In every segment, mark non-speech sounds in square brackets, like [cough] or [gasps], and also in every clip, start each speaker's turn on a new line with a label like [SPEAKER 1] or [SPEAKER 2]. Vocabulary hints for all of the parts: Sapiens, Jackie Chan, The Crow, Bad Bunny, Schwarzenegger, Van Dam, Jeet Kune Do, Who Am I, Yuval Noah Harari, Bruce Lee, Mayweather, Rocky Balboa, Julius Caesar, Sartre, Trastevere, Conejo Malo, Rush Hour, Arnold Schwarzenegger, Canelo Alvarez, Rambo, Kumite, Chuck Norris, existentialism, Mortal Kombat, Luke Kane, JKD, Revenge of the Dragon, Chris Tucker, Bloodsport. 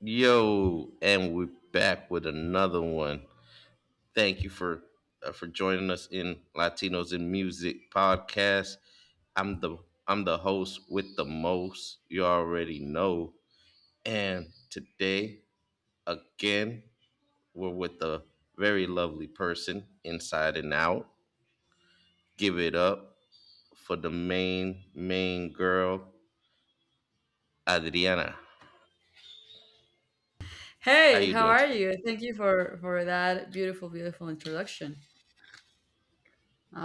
[SPEAKER 1] Yo, and we're back with another one. Thank you for joining us in Latinos in Music podcast. I'm the I'm the host with the most. You already know. And today again, we're with a very lovely person inside and out. Give it up for the main girl, Adriana. How
[SPEAKER 2] Hey,
[SPEAKER 1] you
[SPEAKER 2] how
[SPEAKER 1] doing
[SPEAKER 2] are
[SPEAKER 1] today?
[SPEAKER 2] you? Thank you for that beautiful introduction.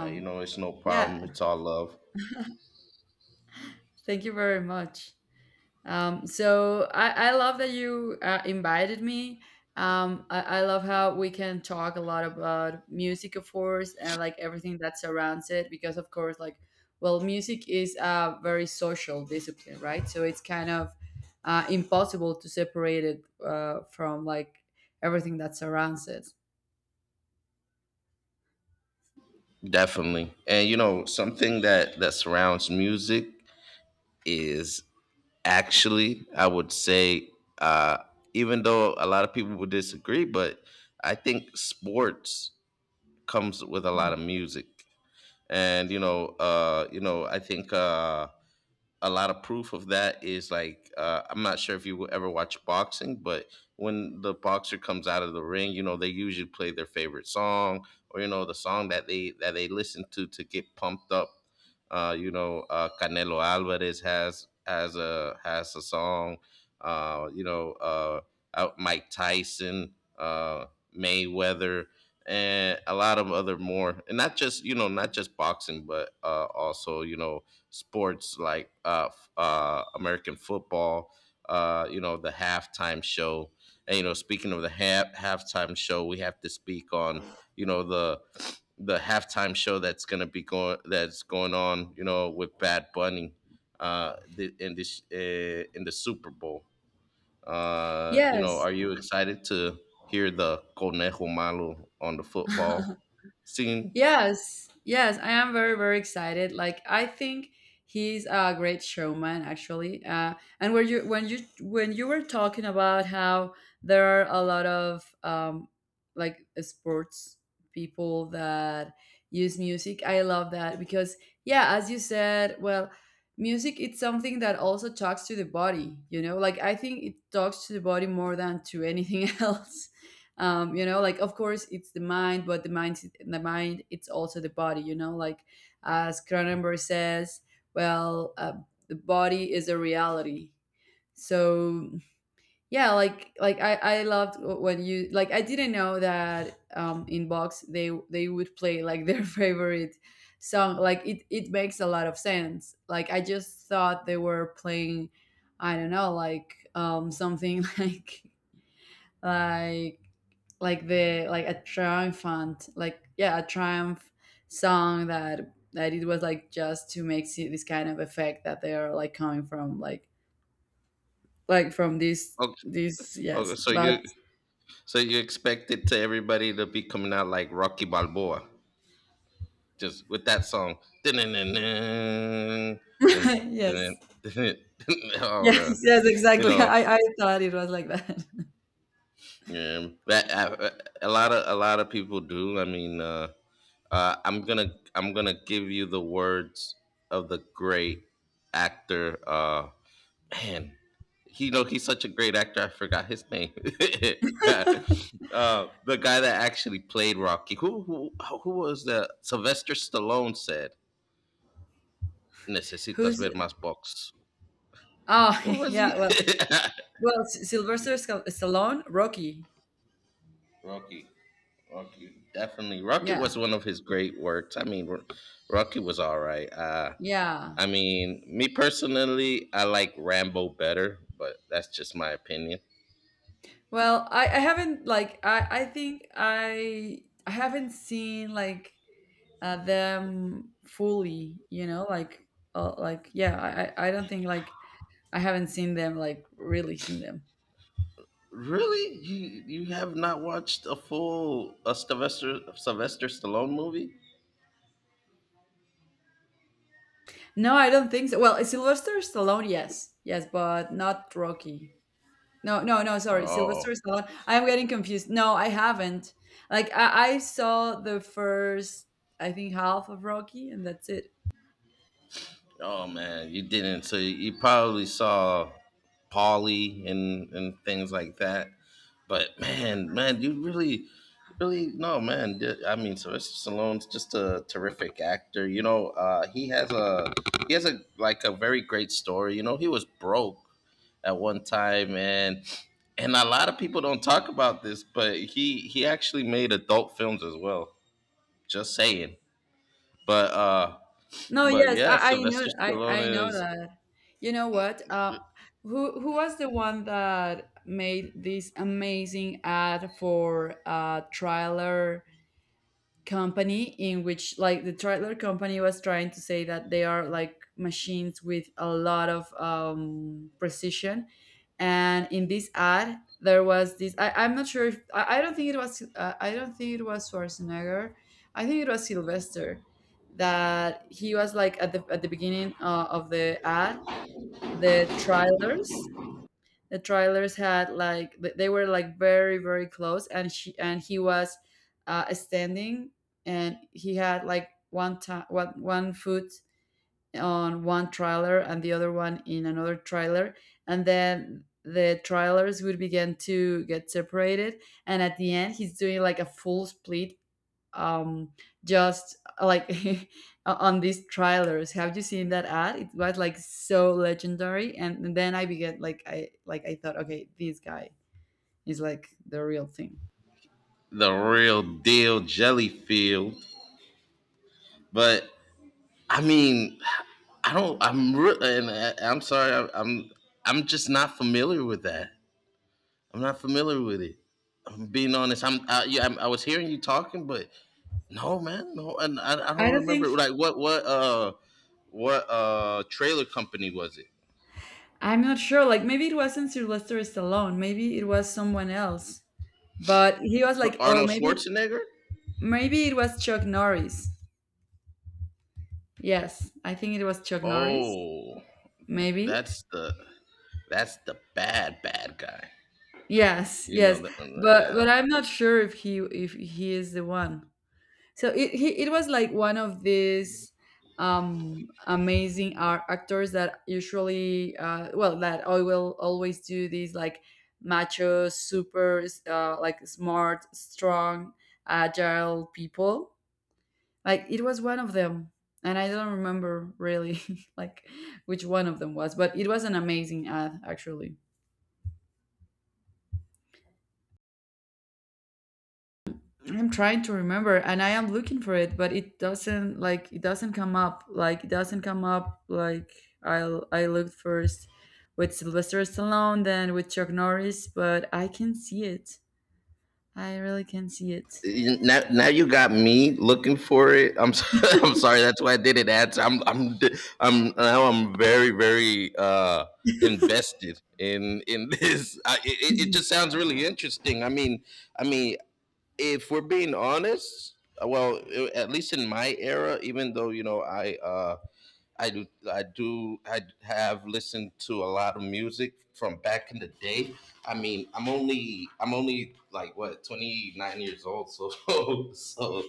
[SPEAKER 1] You know, it's no
[SPEAKER 2] yeah,
[SPEAKER 1] problem. It's all love.
[SPEAKER 2] Thank you very much. So I love that you invited me. I love how we can talk a lot about music, of course, and like everything that surrounds it, because of course, like, well, music is a very social discipline, right? So it's kind of impossible to separate it from like everything that surrounds it.
[SPEAKER 1] Definitely. And you know, something that surrounds music is actually, I would say, uh, even though a lot of people would disagree, but I think sports comes with a lot of music. And you know, I think a lot of proof of that is like I'm not sure if you will ever watch boxing, but when the boxer comes out of the ring, you know they usually play their favorite song or you know the song that they listen to get pumped up. Canelo Alvarez has a song. Uh, you know uh, Mike Tyson, Mayweather, and a lot of other more, and not just you know not just boxing, but also you know sports like American football, you know, the halftime show. And, you know, speaking of the halftime show, we have to speak on, you know, the halftime show that's going to be going that's going on, you know, with Bad Bunny in this in the Super Bowl. You know,
[SPEAKER 2] Yes.
[SPEAKER 1] are you excited to hear the Conejo Malo on the football
[SPEAKER 2] [laughs]
[SPEAKER 1] scene?
[SPEAKER 2] Yes, I am very excited. Like I think he's a great showman, actually. And when you were talking about how there are a lot of like sports people that use music, I love that because yeah, as you said, well, music it's something that also talks to the body. You know, like I think it talks to the body more than to anything [laughs] else. You know, like of course it's the mind, but the mind it's also the body, you know, like as Cronenberg says. Well, the body is a reality, so yeah, like I loved when you, like I didn't know that in box they would play like their [laughs] favorite song. Like it makes a lot of sense. Like I just thought they were playing I don't know, like something [laughs] like like the, like a triumphant, like yeah, a triumph song that that it was like just to make see this kind of effect that they are like coming from like from this
[SPEAKER 1] Okay,
[SPEAKER 2] this.
[SPEAKER 1] okay
[SPEAKER 2] Yes
[SPEAKER 1] so you
[SPEAKER 2] but,
[SPEAKER 1] so you expect it to everybody to be coming out like Rocky Balboa, just with that song. [laughs] Dun-dun-dun-dun, dun,
[SPEAKER 2] [laughs] yes,
[SPEAKER 1] dun, dun, dun, dun, dun, dun. [laughs] Oh, man.
[SPEAKER 2] yes
[SPEAKER 1] You
[SPEAKER 2] exactly. [laughs]
[SPEAKER 1] know,
[SPEAKER 2] I thought it was like that.
[SPEAKER 1] yeah, that, a lot of people do. I mean, uh, I'm gonna I'm gonna give you the words of the great actor. Man, you know he's such a great actor. I forgot his name. [laughs] The guy that actually played Rocky. Who was the Sylvester Stallone said necesitas
[SPEAKER 2] Who's?
[SPEAKER 1] ver más box.
[SPEAKER 2] Oh,
[SPEAKER 1] What
[SPEAKER 2] [laughs]
[SPEAKER 1] was
[SPEAKER 2] yeah,
[SPEAKER 1] he?
[SPEAKER 2] well, well, S- Sylvester Scal- Stallone, Rocky.
[SPEAKER 1] [laughs] Rocky. Rocky. Definitely. Rocky
[SPEAKER 2] Yeah,
[SPEAKER 1] was one of his great works. I mean, Rocky was all right.
[SPEAKER 2] yeah,
[SPEAKER 1] I mean, me personally, I like Rambo better, but that's just my opinion.
[SPEAKER 2] well I haven't, like I think I haven't seen like them fully, you know, like yeah, I don't think like I haven't seen them, like really seen them.
[SPEAKER 1] Really? You have not watched a full a Sylvester Stallone movie?
[SPEAKER 2] No, I don't think so. Well, Sylvester Stallone yes, but not Rocky. No, no, sorry,
[SPEAKER 1] Oh,
[SPEAKER 2] Sylvester Stallone, I'm getting confused. No, I haven't. Like I saw the first, I think, half of Rocky and that's it.
[SPEAKER 1] oh man, you didn't. So you probably saw Polly and things like that. But man, you really no man. I mean, Sylvester Stallone's just a terrific actor. You know, he has a like a very great story. You know, he was broke at one time, and a lot of people don't talk about this, but he actually made adult films as well. Just saying, but uh,
[SPEAKER 2] No,
[SPEAKER 1] but
[SPEAKER 2] yes,
[SPEAKER 1] yeah,
[SPEAKER 2] I know,
[SPEAKER 1] Sylvester
[SPEAKER 2] I
[SPEAKER 1] Stallone
[SPEAKER 2] know
[SPEAKER 1] is
[SPEAKER 2] that. You know what? Who was the one that made this amazing ad for a trailer company in which like the trailer company was trying to say that they are like machines with a lot of precision? And in this ad there was this I, I'm not sure if I don't think it was I don't think it was Schwarzenegger. I think it was Sylvester, that he was like at the beginning of the ad. The trailers the trailers had like th- they were like very close and she and he was standing, and he had like one time 1 foot on one trailer and the other one in another trailer, and then the trailers would begin to get separated, and at the end he's doing like a full split. um just like [laughs] on these trailers. Have you seen that ad? It was like so legendary. And then I began, like I, like I thought, okay, this guy is like the real thing.
[SPEAKER 1] the real deal, Jellyfield. But I mean, I don't. I'm re- and I, I'm sorry. I'm just not familiar with that. I'm not familiar with it. I'm being honest. Yeah, I was hearing you talking, but no, man, no, and I
[SPEAKER 2] I
[SPEAKER 1] don't
[SPEAKER 2] don't think,
[SPEAKER 1] remember like what trailer company was it?
[SPEAKER 2] I'm not sure, like maybe it wasn't Sylvester Stallone, maybe it was someone else. But he was
[SPEAKER 1] So
[SPEAKER 2] like, or
[SPEAKER 1] Arnold
[SPEAKER 2] maybe,
[SPEAKER 1] Schwarzenegger?
[SPEAKER 2] maybe it was Chuck Norris. Yes, I think it was Chuck Norris,
[SPEAKER 1] Oh,
[SPEAKER 2] maybe.
[SPEAKER 1] that's the bad bad guy.
[SPEAKER 2] Yes,
[SPEAKER 1] You
[SPEAKER 2] yes,
[SPEAKER 1] know that.
[SPEAKER 2] but, I'm not sure if he is the one. So it he, it was like one of these amazing art actors that usually, well, that I will always do these like macho, super, like smart, strong, agile people. Like it was one of them, and I don't remember really [laughs] like which one of them was, but it was an amazing ad actually. I'm trying to remember and I am looking for it, but it doesn't, like it doesn't come up. Like it doesn't come up, like I looked first with Sylvester Stallone, then with Chuck Norris, but I can see it. I really can see it.
[SPEAKER 1] Now, now you got me looking for it. I'm so- [laughs] I'm sorry. That's why I didn't answer. I'm d- I'm Now I'm very very invested in [laughs] this. I, It just sounds really interesting. I mean. If we're being honest, well, at least in my era, even though you know I have listened to a lot of music from back in the day. I mean, I'm only like what 29 years old, so [laughs] so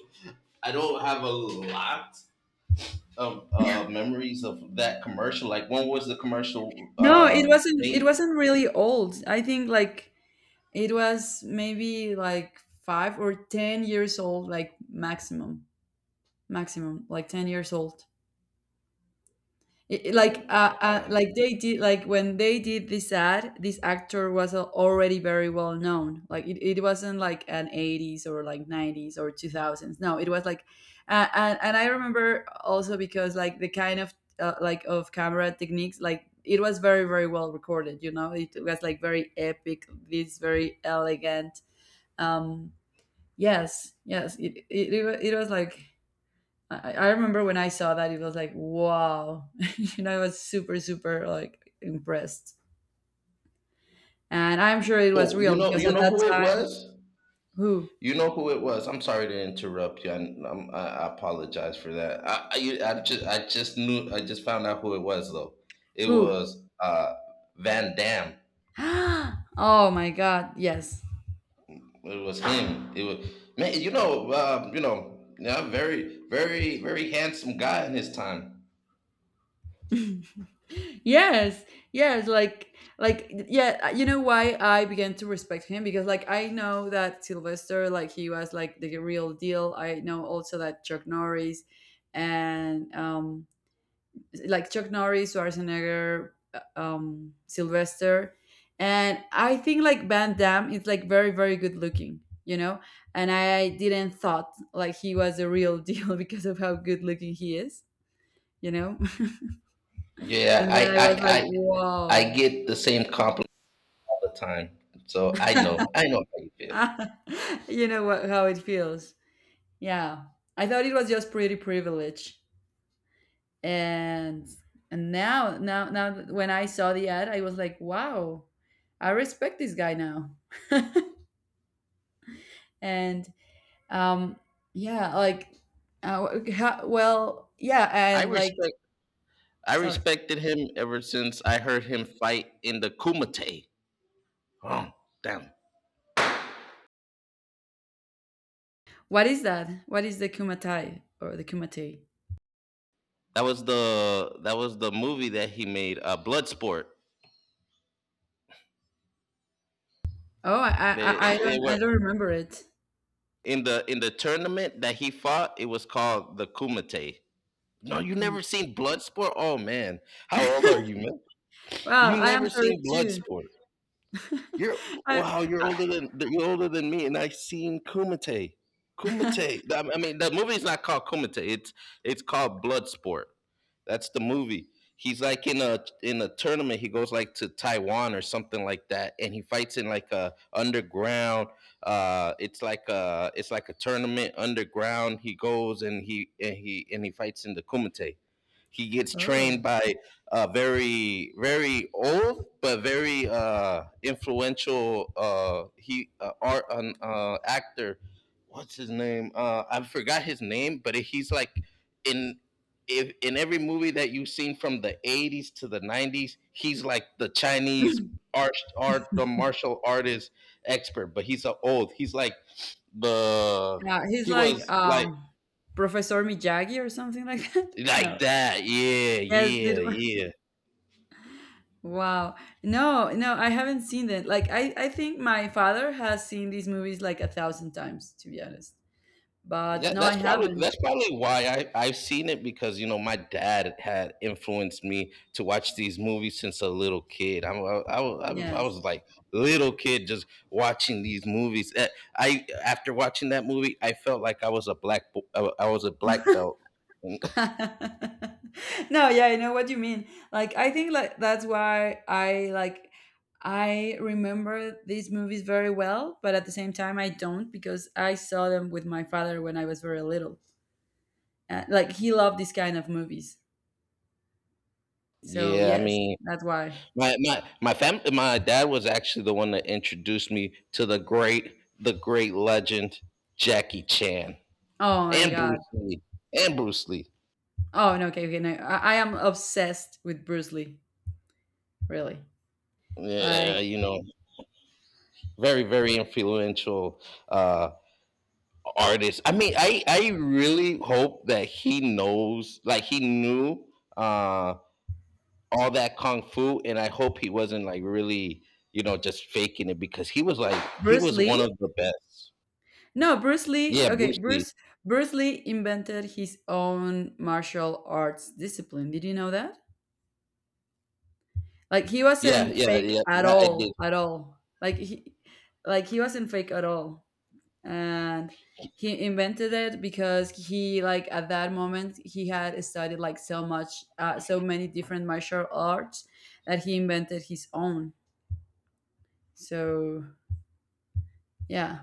[SPEAKER 1] I don't have a lot of memories of that commercial. Like, when was the commercial
[SPEAKER 2] No, it wasn't it
[SPEAKER 1] made?
[SPEAKER 2] wasn't really old. I think like it was maybe like 5 or 10 years old like maximum. Maximum like 10 years old. I- like they did, like when they did this ad this actor was al- already very well known. Like it wasn't like an 80s or like 90s or 2000s, no, it was like and I remember also because like the kind of like of camera techniques, like it was very well recorded, you know. It was like very epic, this, very elegant. um yes, it, it wa- it was like I remember when I saw that, it was like, wow. [laughs] You know, I was super like impressed. And I'm sure it was
[SPEAKER 1] Oh,
[SPEAKER 2] real because
[SPEAKER 1] you
[SPEAKER 2] at
[SPEAKER 1] know
[SPEAKER 2] that
[SPEAKER 1] who it
[SPEAKER 2] time,
[SPEAKER 1] was?
[SPEAKER 2] who?
[SPEAKER 1] You know who it was. I'm sorry to interrupt you. I apologize for that. I just found out who it was though. It
[SPEAKER 2] Who?
[SPEAKER 1] was Van Dam.
[SPEAKER 2] [gasps] Oh my God. Yes.
[SPEAKER 1] It was him. It was man. You know, yeah, very handsome guy in his time.
[SPEAKER 2] [laughs] Yes. Yes. Like yeah, you know why I began to respect him? Because like I know that Sylvester, like he was like the real deal. I know also that Chuck Norris and like Chuck Norris, Schwarzenegger, Sylvester, and I think like Van Damme is like very good looking, you know. And I didn't thought like he was a real deal [laughs] because of how good looking he is, you know. [laughs]
[SPEAKER 1] Yeah,
[SPEAKER 2] And then I was like,
[SPEAKER 1] I
[SPEAKER 2] wow,
[SPEAKER 1] get the same compliment all the time. So I know how you feel.
[SPEAKER 2] [laughs] you know what, how it feels. Yeah, I thought it was just pretty privilege, and and now when I saw the ad, I was like, wow, I respect this guy now, and Um, yeah, like, w- ha- well, yeah,
[SPEAKER 1] I
[SPEAKER 2] and like,
[SPEAKER 1] respect I
[SPEAKER 2] sorry,
[SPEAKER 1] respected him ever since I heard him fight in the Kumite. Oh, damn.
[SPEAKER 2] what is that? What is the kumatai or the kumate?
[SPEAKER 1] That was the movie that he made, Bloodsport.
[SPEAKER 2] Oh,
[SPEAKER 1] They they
[SPEAKER 2] I
[SPEAKER 1] were
[SPEAKER 2] don't remember it.
[SPEAKER 1] in the tournament that he fought. It was called the Kumite. No,
[SPEAKER 2] The
[SPEAKER 1] you
[SPEAKER 2] kumatai.
[SPEAKER 1] never seen Bloodsport. Oh man, how old are you,
[SPEAKER 2] [laughs]
[SPEAKER 1] man?
[SPEAKER 2] Well,
[SPEAKER 1] You
[SPEAKER 2] I am
[SPEAKER 1] never seen
[SPEAKER 2] 32.
[SPEAKER 1] Bloodsport.
[SPEAKER 2] [laughs]
[SPEAKER 1] You're
[SPEAKER 2] I,
[SPEAKER 1] wow.
[SPEAKER 2] I-
[SPEAKER 1] You're older than me, and I've seen Kumite. Kumite. I mean, the movie's not called Kumite. It's called Bloodsport. That's the movie. He's like in a tournament. He goes like to Taiwan or something like that, and he fights in like a underground. It's like a tournament underground. He goes and he fights in the Kumite. He gets
[SPEAKER 2] [laughs] Oh,
[SPEAKER 1] trained by very very old but very influential he art an actor. What's his name? I forgot his name, but he's like in if in every movie that you've seen from the 80s to the 90s, he's like the Chinese art art the martial artist expert, but he's a old. He's like the
[SPEAKER 2] yeah, he's
[SPEAKER 1] he
[SPEAKER 2] like
[SPEAKER 1] was
[SPEAKER 2] Professor Miyagi or something like that. [laughs]
[SPEAKER 1] like
[SPEAKER 2] No,
[SPEAKER 1] that. Yeah,
[SPEAKER 2] yes, did,
[SPEAKER 1] yeah, yeah.
[SPEAKER 2] wow. No, no, I haven't seen that. Like I think my father has seen these movies like a thousand times, to be honest. But
[SPEAKER 1] Yeah,
[SPEAKER 2] no, I
[SPEAKER 1] that's probably
[SPEAKER 2] haven't.
[SPEAKER 1] why I I've seen it because you know my dad had influenced me to watch these movies since a little kid. I
[SPEAKER 2] Yes.
[SPEAKER 1] was like little kid just watching these movies. I after watching that movie, I felt like I was a I was a black belt. [laughs]
[SPEAKER 2] [laughs] No, yeah, I know what you mean. Like I think like that's why I like I remember these movies very well, but at the same time I don't, because I saw them with my father when I was very little. Like he loved this kind of movies. So
[SPEAKER 1] Yeah, I
[SPEAKER 2] yes,
[SPEAKER 1] mean,
[SPEAKER 2] that's why.
[SPEAKER 1] my dad was actually the one that introduced me to the great legend Jackie Chan
[SPEAKER 2] Oh my
[SPEAKER 1] and
[SPEAKER 2] God.
[SPEAKER 1] Bruce Lee and Bruce Lee.
[SPEAKER 2] Oh no, okay, okay. No, I am obsessed with Bruce Lee. Really,
[SPEAKER 1] Yeah,
[SPEAKER 2] like
[SPEAKER 1] you know, very very influential uh artist. I mean, I really hope that he knows, like he knew uh all that kung fu, and I hope he wasn't like really, you know, just faking it because he
[SPEAKER 2] Bruce
[SPEAKER 1] was one of
[SPEAKER 2] Lee.
[SPEAKER 1] the best.
[SPEAKER 2] No, Bruce Lee.
[SPEAKER 1] Yeah,
[SPEAKER 2] Okay,
[SPEAKER 1] Bruce Lee.
[SPEAKER 2] Bruce Lee invented his own martial arts discipline. Did you know that? Like he
[SPEAKER 1] Yeah,
[SPEAKER 2] wasn't
[SPEAKER 1] yeah,
[SPEAKER 2] fake
[SPEAKER 1] yeah.
[SPEAKER 2] at
[SPEAKER 1] That I did.
[SPEAKER 2] all, at all. Like he wasn't fake at all, and he invented it because he, like at that moment he had studied like so much, so many different martial arts that he invented his own. So yeah.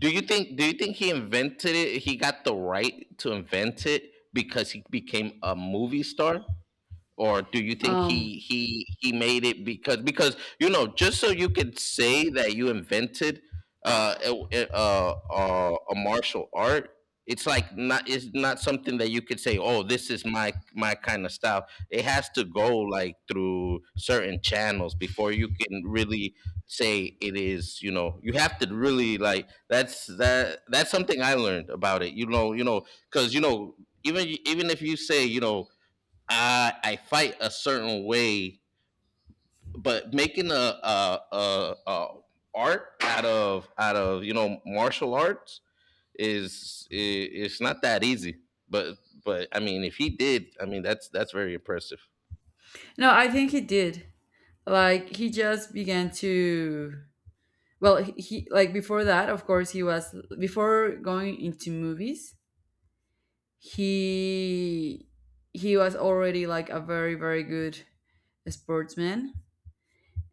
[SPEAKER 1] Do you think? Do you think he invented it? He got the right to invent it because he became a movie star, or do you think
[SPEAKER 2] Um
[SPEAKER 1] he made it because you know just so you could say that you invented a martial art. It's like not it's not something that you could say, oh, this is my my kind of style. It has to go like through certain channels before you can really say it is, you know. You have to really like that's something I learned about it, you know. You know, because you know even even if you say, you know, I fight a certain way, but making a a art out of you know martial arts is I it's not that easy. But but I mean, if he did, I mean that's very impressive.
[SPEAKER 2] no, I think he did. Like he just began to, well, he like before that, of course, he was, before going into movies, he he was already like a very good sportsman.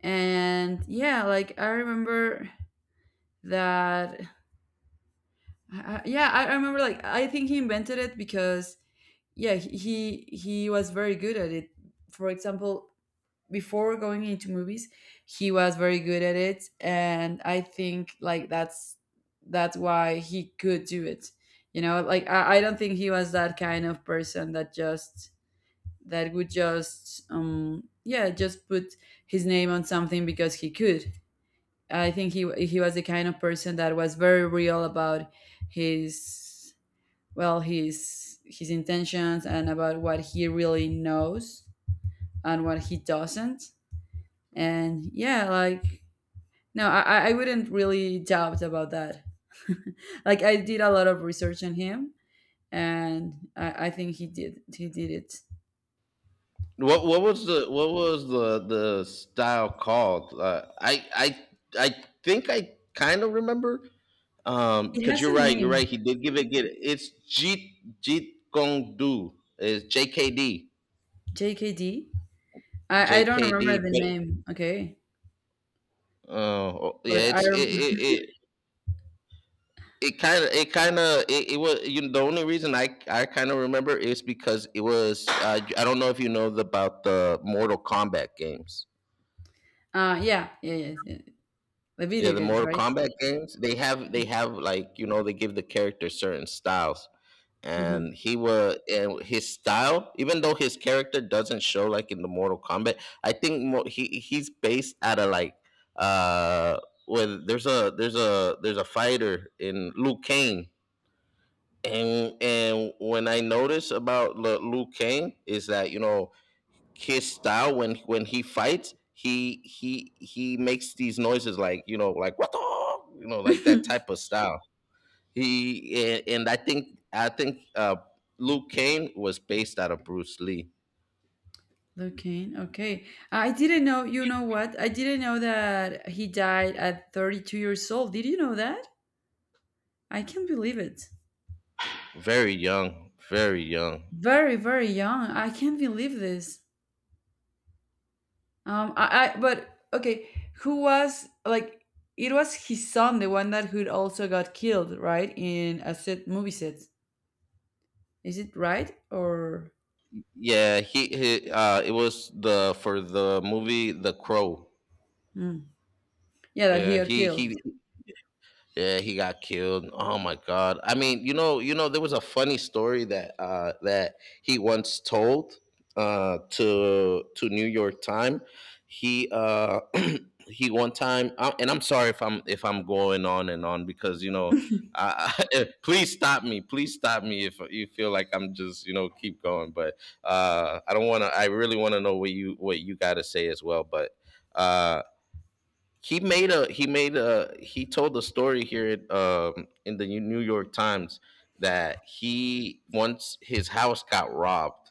[SPEAKER 2] And yeah, like I remember that I- yeah, I remember like I think he invented it because yeah, he was very good at it. For example, before going into movies he was very good at it, and I think like that's why he could do it, you know. Like I don't think he was that kind of person that just, that would just yeah just put his name on something because he could. I think he was the kind of person that was very real about his, well, his intentions, and about what he really knows and what he doesn't. And yeah, like no I wouldn't really doubt about that. [laughs] Like I did a lot of research on him, and I think he did it.
[SPEAKER 1] What was the style called? I think I kind of remember.
[SPEAKER 2] It
[SPEAKER 1] Because
[SPEAKER 2] has
[SPEAKER 1] you're
[SPEAKER 2] a
[SPEAKER 1] right, you're
[SPEAKER 2] name.
[SPEAKER 1] right. He did give it. Get it. It's Jeet Kong Do. It's JKD.
[SPEAKER 2] JKD. I don't remember
[SPEAKER 1] JKD.
[SPEAKER 2] the
[SPEAKER 1] But,
[SPEAKER 2] name, okay,
[SPEAKER 1] uh, oh
[SPEAKER 2] but
[SPEAKER 1] yeah,
[SPEAKER 2] I rem-
[SPEAKER 1] it kind of, it was. You know, the only reason I kind of remember is because it was. I don't know if you know the about the Mortal Kombat games.
[SPEAKER 2] Uh yeah, yeah. The
[SPEAKER 1] Yeah,
[SPEAKER 2] video
[SPEAKER 1] the
[SPEAKER 2] games,
[SPEAKER 1] Mortal
[SPEAKER 2] right?
[SPEAKER 1] Kombat games. They have like you know, they give the characters certain styles.
[SPEAKER 2] Hmm.
[SPEAKER 1] And he was, and his style, even though his character doesn't show like in the Mortal Kombat, he he's based out of like uh when there's a there's a fighter in Luke Kane. And when I notice about Luke Kane is that, you know, his style when he fights, he makes these noises like, you know, like what the, you know, like that
[SPEAKER 2] [laughs]
[SPEAKER 1] type of style, he — and I think Luke Kane was based out of Bruce Lee.
[SPEAKER 2] Luke Kane. Okay. I didn't know, you know what? I didn't know that he died at 32 years old. Did you know that? I can't believe it.
[SPEAKER 1] Very young, very young.
[SPEAKER 2] Very young. I can't believe this. I but okay, who was, like, it was his son, the one that who also got killed, right? In a set movie set. Is it right? Or
[SPEAKER 1] Yeah, he it was the for the movie The Crow.
[SPEAKER 2] Mm. Yeah, that
[SPEAKER 1] Yeah,
[SPEAKER 2] he got
[SPEAKER 1] he
[SPEAKER 2] killed.
[SPEAKER 1] he Yeah, he got killed. Oh my god. I mean, there was a funny story that he once told to New York Time. He [clears throat] he one time and I'm sorry if I'm going on and on because [laughs] please stop me. Please stop me if you feel like I'm just, you know, keep going. But I don't want to. I really want to know what you got to say as well. But uh, he told a story here in the New York Times that he once his house got robbed,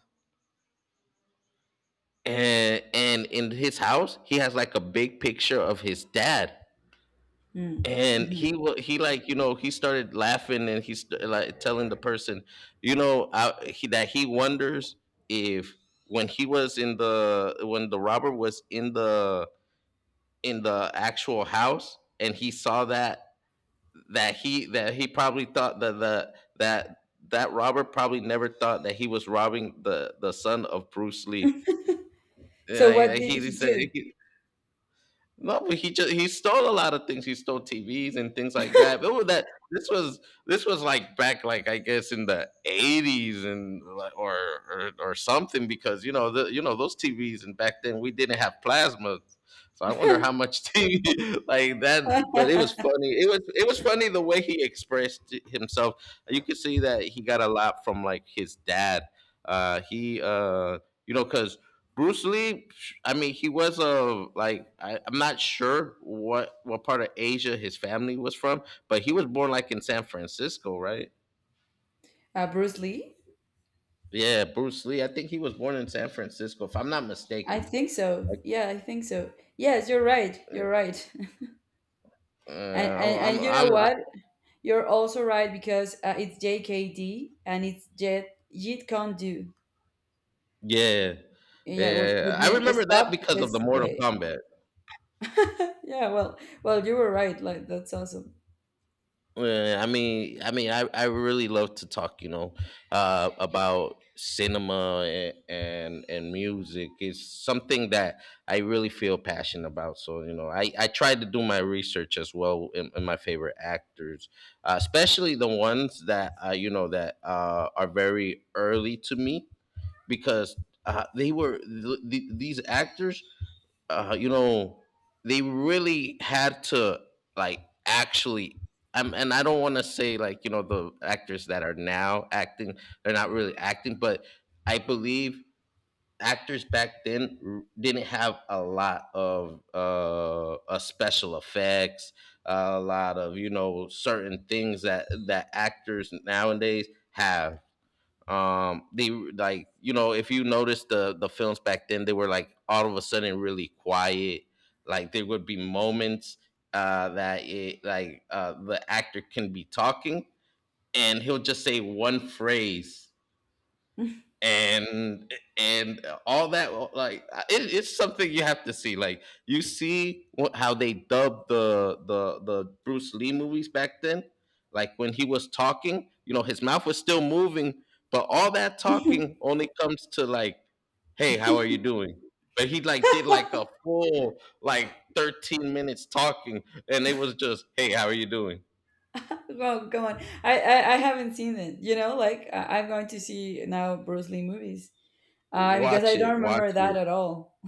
[SPEAKER 1] and in his house he has like a big picture of his dad.
[SPEAKER 2] Mm.
[SPEAKER 1] And
[SPEAKER 2] Mhm.
[SPEAKER 1] he, like, you know, he started laughing and he's like telling the person, you know, that he wonders if, when he was in the, when the robber was in the, in the actual house and he saw that, that he probably thought that the that that Robert probably never thought that he was robbing the son of Bruce Lee. And
[SPEAKER 2] So what did
[SPEAKER 1] he
[SPEAKER 2] he
[SPEAKER 1] said
[SPEAKER 2] do?
[SPEAKER 1] he, no, but he just, he stole a lot of things. He stole TVs and things like that. But with that, this was this was like back, like I guess in the 80s and or something, because you know the, you know those TVs, and back then we didn't have plasma. So I wonder how much [laughs] TV like that. But it was
[SPEAKER 2] [laughs]
[SPEAKER 1] funny. It was funny the way he expressed himself. You could see that he got a lot from, like, his dad. He you know, because Bruce Lee, I mean, he was a, like I'm not sure what part of Asia his family was from, but he was born like in San Francisco, right?
[SPEAKER 2] Bruce Lee?
[SPEAKER 1] Yeah, Bruce Lee. I think he was born in San Francisco, if I'm not
[SPEAKER 2] I
[SPEAKER 1] mistaken.
[SPEAKER 2] think so.
[SPEAKER 1] Like,
[SPEAKER 2] Yeah, I think so. Yes, you're right. You're right. [laughs]
[SPEAKER 1] uh,
[SPEAKER 2] And
[SPEAKER 1] I'm, I'm,
[SPEAKER 2] you know
[SPEAKER 1] I'm,
[SPEAKER 2] what? You're also right, because it's JKD and it's Jet Jeet Kune Do.
[SPEAKER 1] yeah,
[SPEAKER 2] Yeah, with
[SPEAKER 1] yeah. I
[SPEAKER 2] me
[SPEAKER 1] remember that
[SPEAKER 2] stop
[SPEAKER 1] because of the
[SPEAKER 2] this
[SPEAKER 1] Mortal
[SPEAKER 2] way.
[SPEAKER 1] Kombat.
[SPEAKER 2] [laughs] yeah, well, you were right. Like that's awesome. [laughs]
[SPEAKER 1] Yeah, I really love to talk, you know, about cinema and, and music. It's something that I really feel passionate about. So you know, I try to do my research as well in my favorite actors, especially the ones that you know, that are very early to me, because they were these actors, you know, they really had to, like, actually. And I don't want to say, like, you know, the actors that are now acting, they're not really acting, but I believe actors back then didn't have a lot of special effects, a lot of, you know, certain things that actors nowadays have. Um, they, like, you know, if you notice the films back then, they were like all of a sudden really quiet. Like, there would be moments that it, like, the actor can be talking and he'll just say one phrase. And all that, like, it, it's something you have to see. Like, you see what, how they dubbed the, the Bruce Lee movies back then. Like, when he was talking, you know, his mouth was still moving, but all that talking only comes to like, hey, how are you doing? But he like did like a full, like, 13 minutes talking, and it was just hey, how are you doing?
[SPEAKER 2] Well, go on. I haven't seen it. You know, like I'm going to see now Bruce Lee movies. Because I
[SPEAKER 1] watch
[SPEAKER 2] don't
[SPEAKER 1] it watch
[SPEAKER 2] remember that
[SPEAKER 1] it
[SPEAKER 2] at all. [laughs]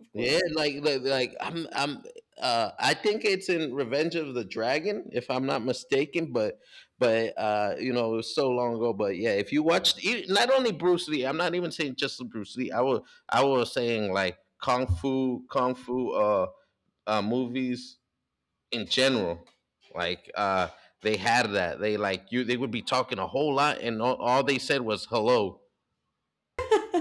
[SPEAKER 2] Of
[SPEAKER 1] Yeah,
[SPEAKER 2] course.
[SPEAKER 1] like I'm I think it's in Revenge of the Dragon, if I'm not mistaken. But you know, it was so long ago. But yeah, if you watched not only Bruce Lee, I'm not even saying just Bruce Lee. I was saying like, kung fu, movies in general. Like, they had that. They, like, you, they would be talking a whole lot, and all they said was hello.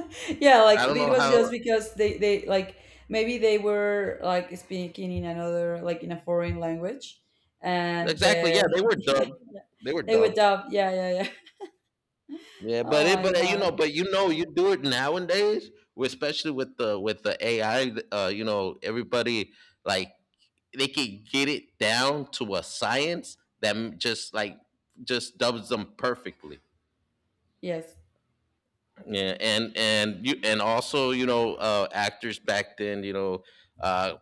[SPEAKER 2] [laughs] yeah, like
[SPEAKER 1] I don't know
[SPEAKER 2] it was
[SPEAKER 1] how.
[SPEAKER 2] just because they like maybe they were like speaking in another like in a foreign language and
[SPEAKER 1] Exactly.
[SPEAKER 2] the
[SPEAKER 1] Yeah, they
[SPEAKER 2] [laughs]
[SPEAKER 1] were
[SPEAKER 2] yeah,
[SPEAKER 1] dubbed.
[SPEAKER 2] yeah.
[SPEAKER 1] They were
[SPEAKER 2] They were
[SPEAKER 1] dubbed.
[SPEAKER 2] dubbed, yeah, yeah, yeah. [laughs]
[SPEAKER 1] Yeah, but
[SPEAKER 2] oh my
[SPEAKER 1] you
[SPEAKER 2] god.
[SPEAKER 1] know, you do it nowadays, especially with the, with the AI. You know, everybody, like, they can get it down to a science that just like just dubs them perfectly.
[SPEAKER 2] Yes,
[SPEAKER 1] Yeah, and you, and also, you know, actors back then, you know, uh,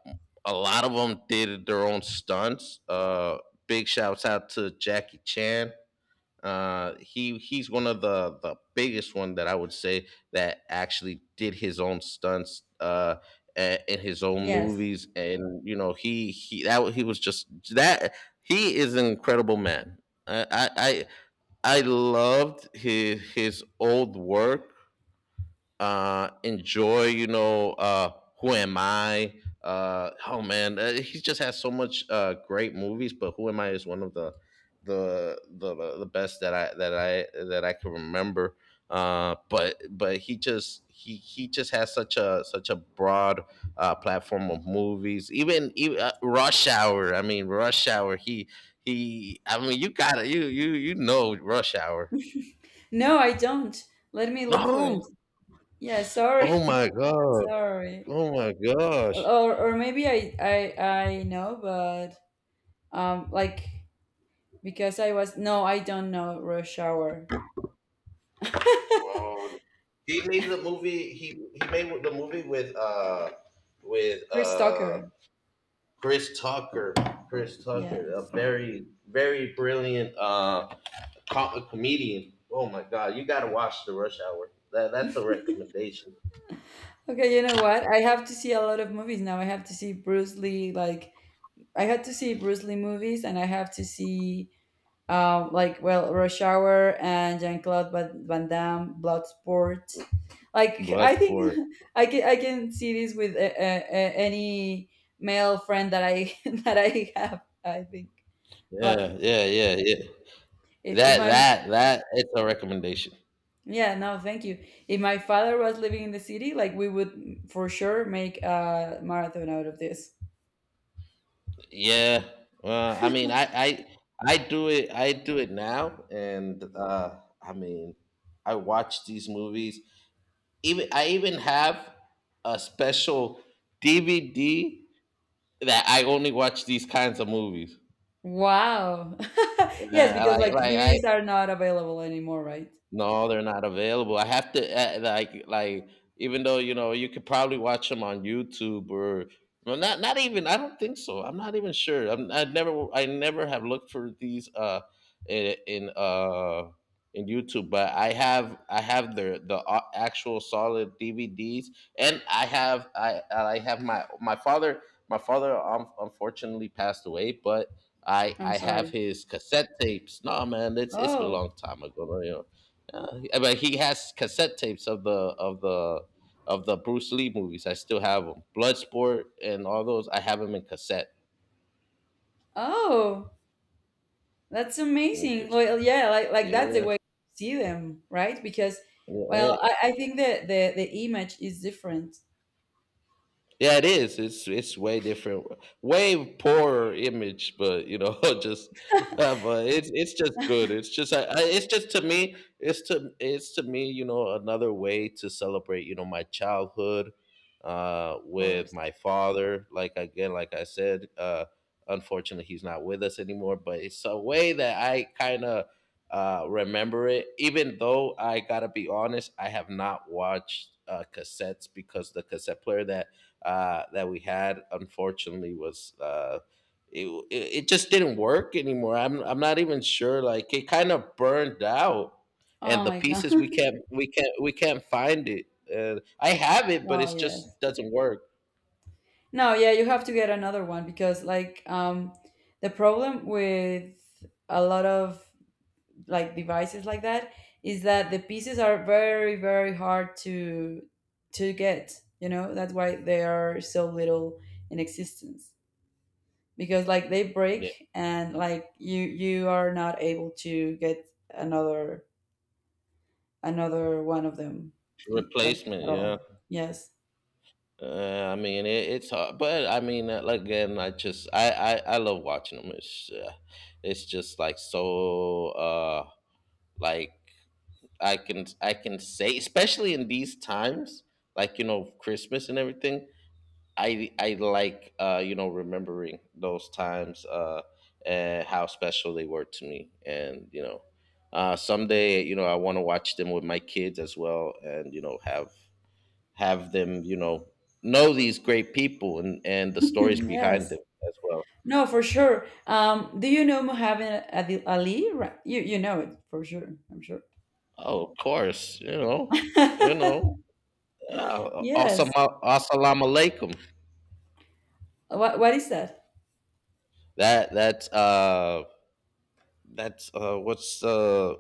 [SPEAKER 1] a lot of them did their own stunts. Big shouts out to Jackie Chan. He, he's one of the biggest one that I would say that actually did his own stunts in his own
[SPEAKER 2] yes.
[SPEAKER 1] movies. And you know, he was just, that he is an incredible man. I I I loved his old work. Enjoy, you know, Who Am I? Oh man, he just has so much, great movies. But Who Am I is one of the, the best that I can remember. But he just, he just has such a, such a broad, platform of movies. Even, even, Rush Hour. I mean, Rush Hour. He he. I mean, you gotta, you know Rush Hour.
[SPEAKER 2] [laughs] no, I don't, let me look for it.
[SPEAKER 1] No.
[SPEAKER 2] Yeah,
[SPEAKER 1] Oh my
[SPEAKER 2] sorry, [laughs]
[SPEAKER 1] god.
[SPEAKER 2] sorry.
[SPEAKER 1] Oh my gosh.
[SPEAKER 2] Or maybe I know, but like because I was, no, I don't know Rush Hour.
[SPEAKER 1] Whoa. He made the movie with with
[SPEAKER 2] Chris
[SPEAKER 1] uh
[SPEAKER 2] Tucker.
[SPEAKER 1] Chris Tucker. Chris
[SPEAKER 2] Yeah.
[SPEAKER 1] Tucker, a very, very brilliant comedian. Oh my god, you gotta watch the Rush Hour. That's a recommendation.
[SPEAKER 2] Okay, you know what? I have to see a lot of movies now. I have to see Bruce Lee, like I had to see Bruce Lee movies, and I have to see, like, well, Rush Hour and Jean Claude Van Damme, Bloodsport. Like I think
[SPEAKER 1] Bloodsport.
[SPEAKER 2] [laughs] I can see this with any male friend that I [laughs] that I have. I think like
[SPEAKER 1] Yeah, yeah, yeah, yeah.
[SPEAKER 2] if my
[SPEAKER 1] That it's a recommendation.
[SPEAKER 2] yeah, no, thank you. If my father was living in the city, like we would for sure make a marathon out of this.
[SPEAKER 1] Yeah. I mean, I do it. I do it now. And I mean, I watch these movies. Even I even have a special DVD that I only watch these kinds of movies.
[SPEAKER 2] Wow. [laughs] Yes, because like
[SPEAKER 1] I
[SPEAKER 2] DVDs are not available anymore, right?
[SPEAKER 1] no, they're not available. I have to, even though you know you could probably watch them on YouTube or, well, not, not even, I don't think so. I'm not even sure. I never have looked for these in, in uh in YouTube, but I have the actual solid DVDs. And I have my, my father, my father, unfortunately passed away, but
[SPEAKER 2] I'm
[SPEAKER 1] I have
[SPEAKER 2] sorry.
[SPEAKER 1] his cassette tapes. No, man, it's been a
[SPEAKER 2] Oh,
[SPEAKER 1] long time ago, you know. Uh, I mean, he has cassette tapes of the, of the, of the Bruce Lee movies. I still have them. Bloodsport and all those. I have them in cassette.
[SPEAKER 2] oh, that's
[SPEAKER 1] Yeah,
[SPEAKER 2] amazing.
[SPEAKER 1] 'cause-
[SPEAKER 2] Well, yeah, like that's the way you see them, right? Because,
[SPEAKER 1] yeah.
[SPEAKER 2] well, I think the the image is different, of
[SPEAKER 1] Yeah, it is. It's way different, way poorer image. But you know, [laughs] just, but it's just good. It's just, it's just to me, it's to me, you know, another way to celebrate, you know, my childhood, with
[SPEAKER 2] course.
[SPEAKER 1] my father. Like, again, like I said, unfortunately, he's not with us anymore. But it's a way that I kind of, remember it. Even though I gotta be honest, I have not watched, cassettes, because the cassette player that, that we had, unfortunately, was, it, it, it just didn't work anymore. I'm not even sure. Like, it kind of burned out, and
[SPEAKER 2] Oh
[SPEAKER 1] the
[SPEAKER 2] my god.
[SPEAKER 1] pieces, we
[SPEAKER 2] [laughs]
[SPEAKER 1] can't, we can't find it. I have it, but
[SPEAKER 2] Oh
[SPEAKER 1] it
[SPEAKER 2] yes.
[SPEAKER 1] just doesn't work.
[SPEAKER 2] No, yeah, you have to get another one because like the problem with a lot of like devices like that is that the pieces are very, very hard to get, you know, that's why they are so little in existence because like they
[SPEAKER 1] Yeah.
[SPEAKER 2] break and like you are not able to get another another one of them, like
[SPEAKER 1] Replacement,
[SPEAKER 2] at
[SPEAKER 1] yeah.
[SPEAKER 2] all. Yes.
[SPEAKER 1] I mean, it, it's hard. But I mean, like, again, I just, I love watching them. It's, it's just like, so, like I can say, especially in these times, like, you know, Christmas and everything. I like, you know, remembering those times, and how special they were to me. And you know, someday, you know, I want to watch them with my kids as well, and you know, have them, you know these great people, and the
[SPEAKER 2] [laughs]
[SPEAKER 1] stories
[SPEAKER 2] yes.
[SPEAKER 1] behind them as well.
[SPEAKER 2] No, for sure. Do you know Muhammad Ali you you know it for sure, I'm sure.
[SPEAKER 1] Oh, of course, you know, you
[SPEAKER 2] [laughs]
[SPEAKER 1] know.
[SPEAKER 2] yes.
[SPEAKER 1] Assalamu alaikum.
[SPEAKER 2] What is that?
[SPEAKER 1] That's, what's,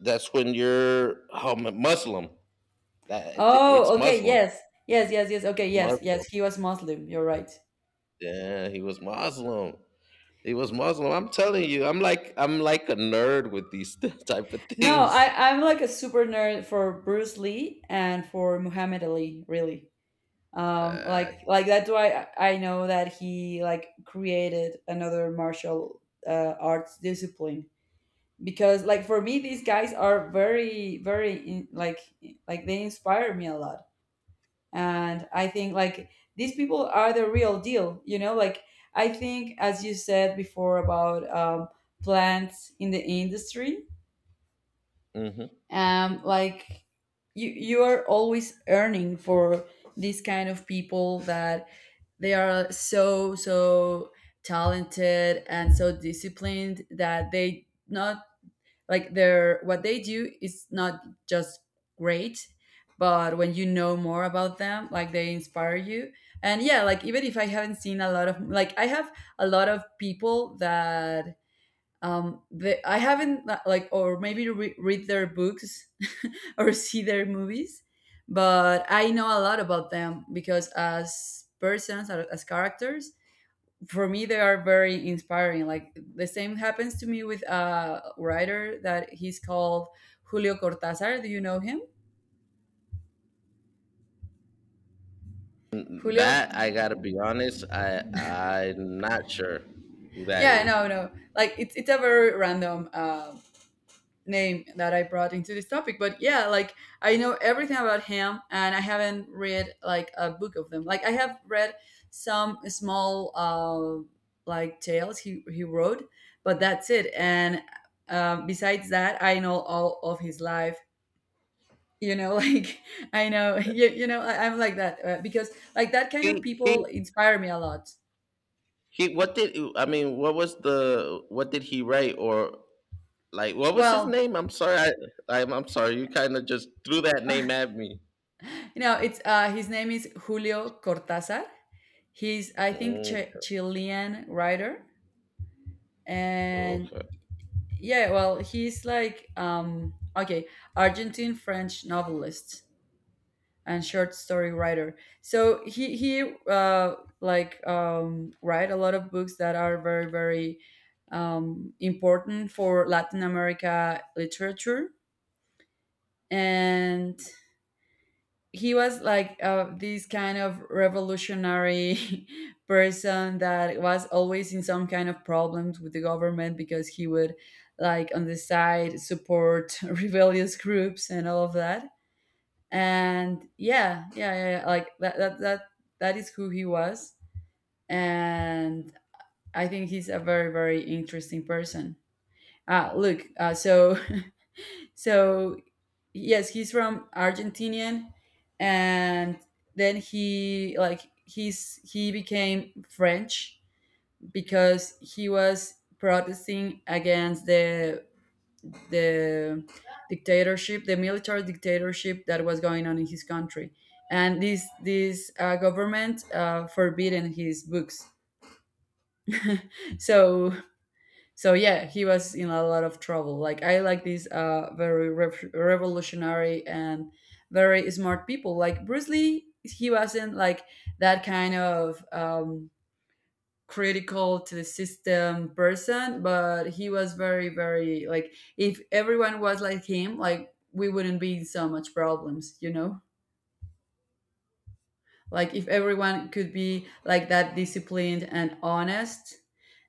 [SPEAKER 1] that's when you're, oh, Muslim. That it's
[SPEAKER 2] Oh, okay,
[SPEAKER 1] Muslim.
[SPEAKER 2] yes. Yes, yes, yes. Okay, yes, yes.
[SPEAKER 1] Muslim.
[SPEAKER 2] He was Muslim. You're right.
[SPEAKER 1] Yeah, he was Muslim. He was Muslim. I'm telling you, I'm like a nerd with these [laughs] type of
[SPEAKER 2] No,
[SPEAKER 1] things.
[SPEAKER 2] I, I'm like a super nerd for Bruce Lee and for Muhammad Ali, really.
[SPEAKER 1] Uh,
[SPEAKER 2] Like that's why I know that he like created another martial arts discipline because like for me these guys are very very in, like they inspire me a lot. And I think like these people are the real deal, you know, like I think as you said before about plants in the industry,
[SPEAKER 1] mhm.
[SPEAKER 2] like you are always earning for these kind of people that they are so so talented and so disciplined that they not like their what they do is not just great, but when you know more about them like they inspire you. And yeah, like even if I haven't seen a lot of, like, I have a lot of people that they, I haven't like or maybe read their books [laughs] or see their movies, but I know a lot about them because as persons or as characters for me they are very inspiring. Like the same happens to me with a writer that he's called Julio Cortázar, do you know him? Julio.
[SPEAKER 1] That, I gotta be honest, I'm not sure who that
[SPEAKER 2] Yeah,
[SPEAKER 1] is.
[SPEAKER 2] no no, like it's a very random name that I brought into this topic, but yeah, like I know everything about him and I haven't read like a book of them, like I have read some small like tales he wrote, but that's it. And besides that I know all of his life, you know, [laughs] like I know you, you know I, I'm like that because like that kind of people
[SPEAKER 1] He
[SPEAKER 2] inspire me a lot.
[SPEAKER 1] he. What did I mean? What was the, what did he write? Or, like, what was his
[SPEAKER 2] Well,
[SPEAKER 1] name? I'm sorry. I'm sorry. You kind of just threw that name at me.
[SPEAKER 2] you know, it's his name is Julio Cortazar. He's, I think,
[SPEAKER 1] Mm,
[SPEAKER 2] Chilean writer, and
[SPEAKER 1] okay.
[SPEAKER 2] yeah, well he's like okay, Argentine French novelist and short story writer. So he like write a lot of books that are very very important for Latin America literature, and he was like this kind of revolutionary [laughs] person that was always in some kind of problems with the government because he would like on the side support [laughs] rebellious groups and all of that. And that is who he was, and I think he's a very, very interesting person. Ah, look, so, [laughs] so yes, he's from Argentinian, and then he like he's he became French because he was protesting against the dictatorship, the military dictatorship that was going on in his country. And this government forbidden his books. So so yeah, he was in a lot of trouble. Like I like these very revolutionary and very smart people. Like Bruce Lee, he wasn't like that kind of critical to the system person, but he was very very like if everyone was like him like we wouldn't be in so much problems, you know, like if everyone could be like that, disciplined and honest,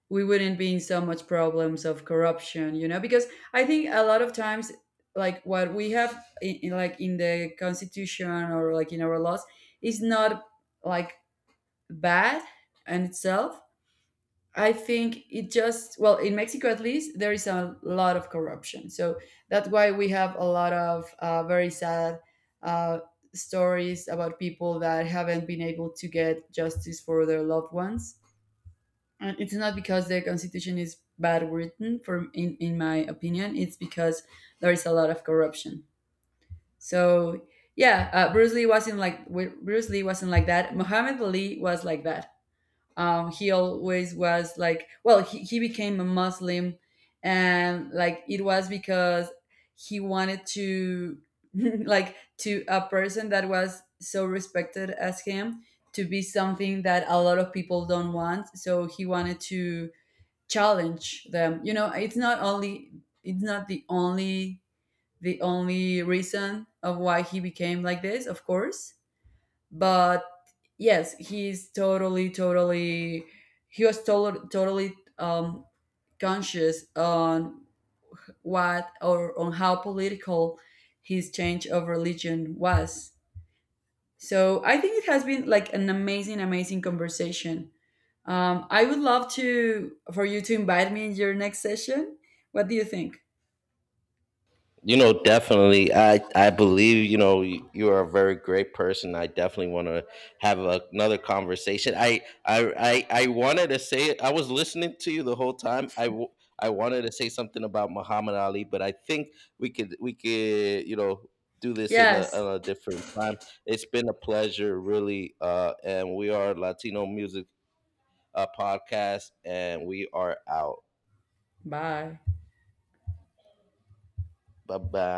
[SPEAKER 2] we wouldn't be in so much problems of corruption, you know, because I think a lot of times like what we have in like in the constitution or like in our laws is not like bad in itself. I think it just, well, in Mexico at least, there is a lot of corruption. So that's why we have a lot of very sad uh, stories about people that haven't been able to get justice for their loved ones. And it's not because the constitution is bad written, for in my opinion, it's because there is a lot of corruption. So yeah, Bruce Lee wasn't like Bruce Lee wasn't like that. Muhammad Ali was like that, he always was like, well, he became a Muslim, and like it was because he wanted to [laughs] like to a person that was so respected as him to be something that a lot of people don't want, so he wanted to challenge them, you know, it's not only it's not the only the only reason of why he became like this, of course, but yes, he's totally totally he was totally totally conscious on what or on how political his change of religion was. So I think it has been like an amazing amazing conversation. I would love to for you to invite me in your next session, what do you think?
[SPEAKER 1] You know, definitely. I believe, you know, you are a very great person. I definitely want to have a, another conversation. I wanted to say it. I was listening to you the whole time. I wanted to say something about Muhammad Ali, but I think we could, you know, do this in a,
[SPEAKER 2] Yes.
[SPEAKER 1] on a different time. It's been a pleasure, really. And we are Latino music, podcast, and we are out.
[SPEAKER 2] Bye.
[SPEAKER 1] Bye bye.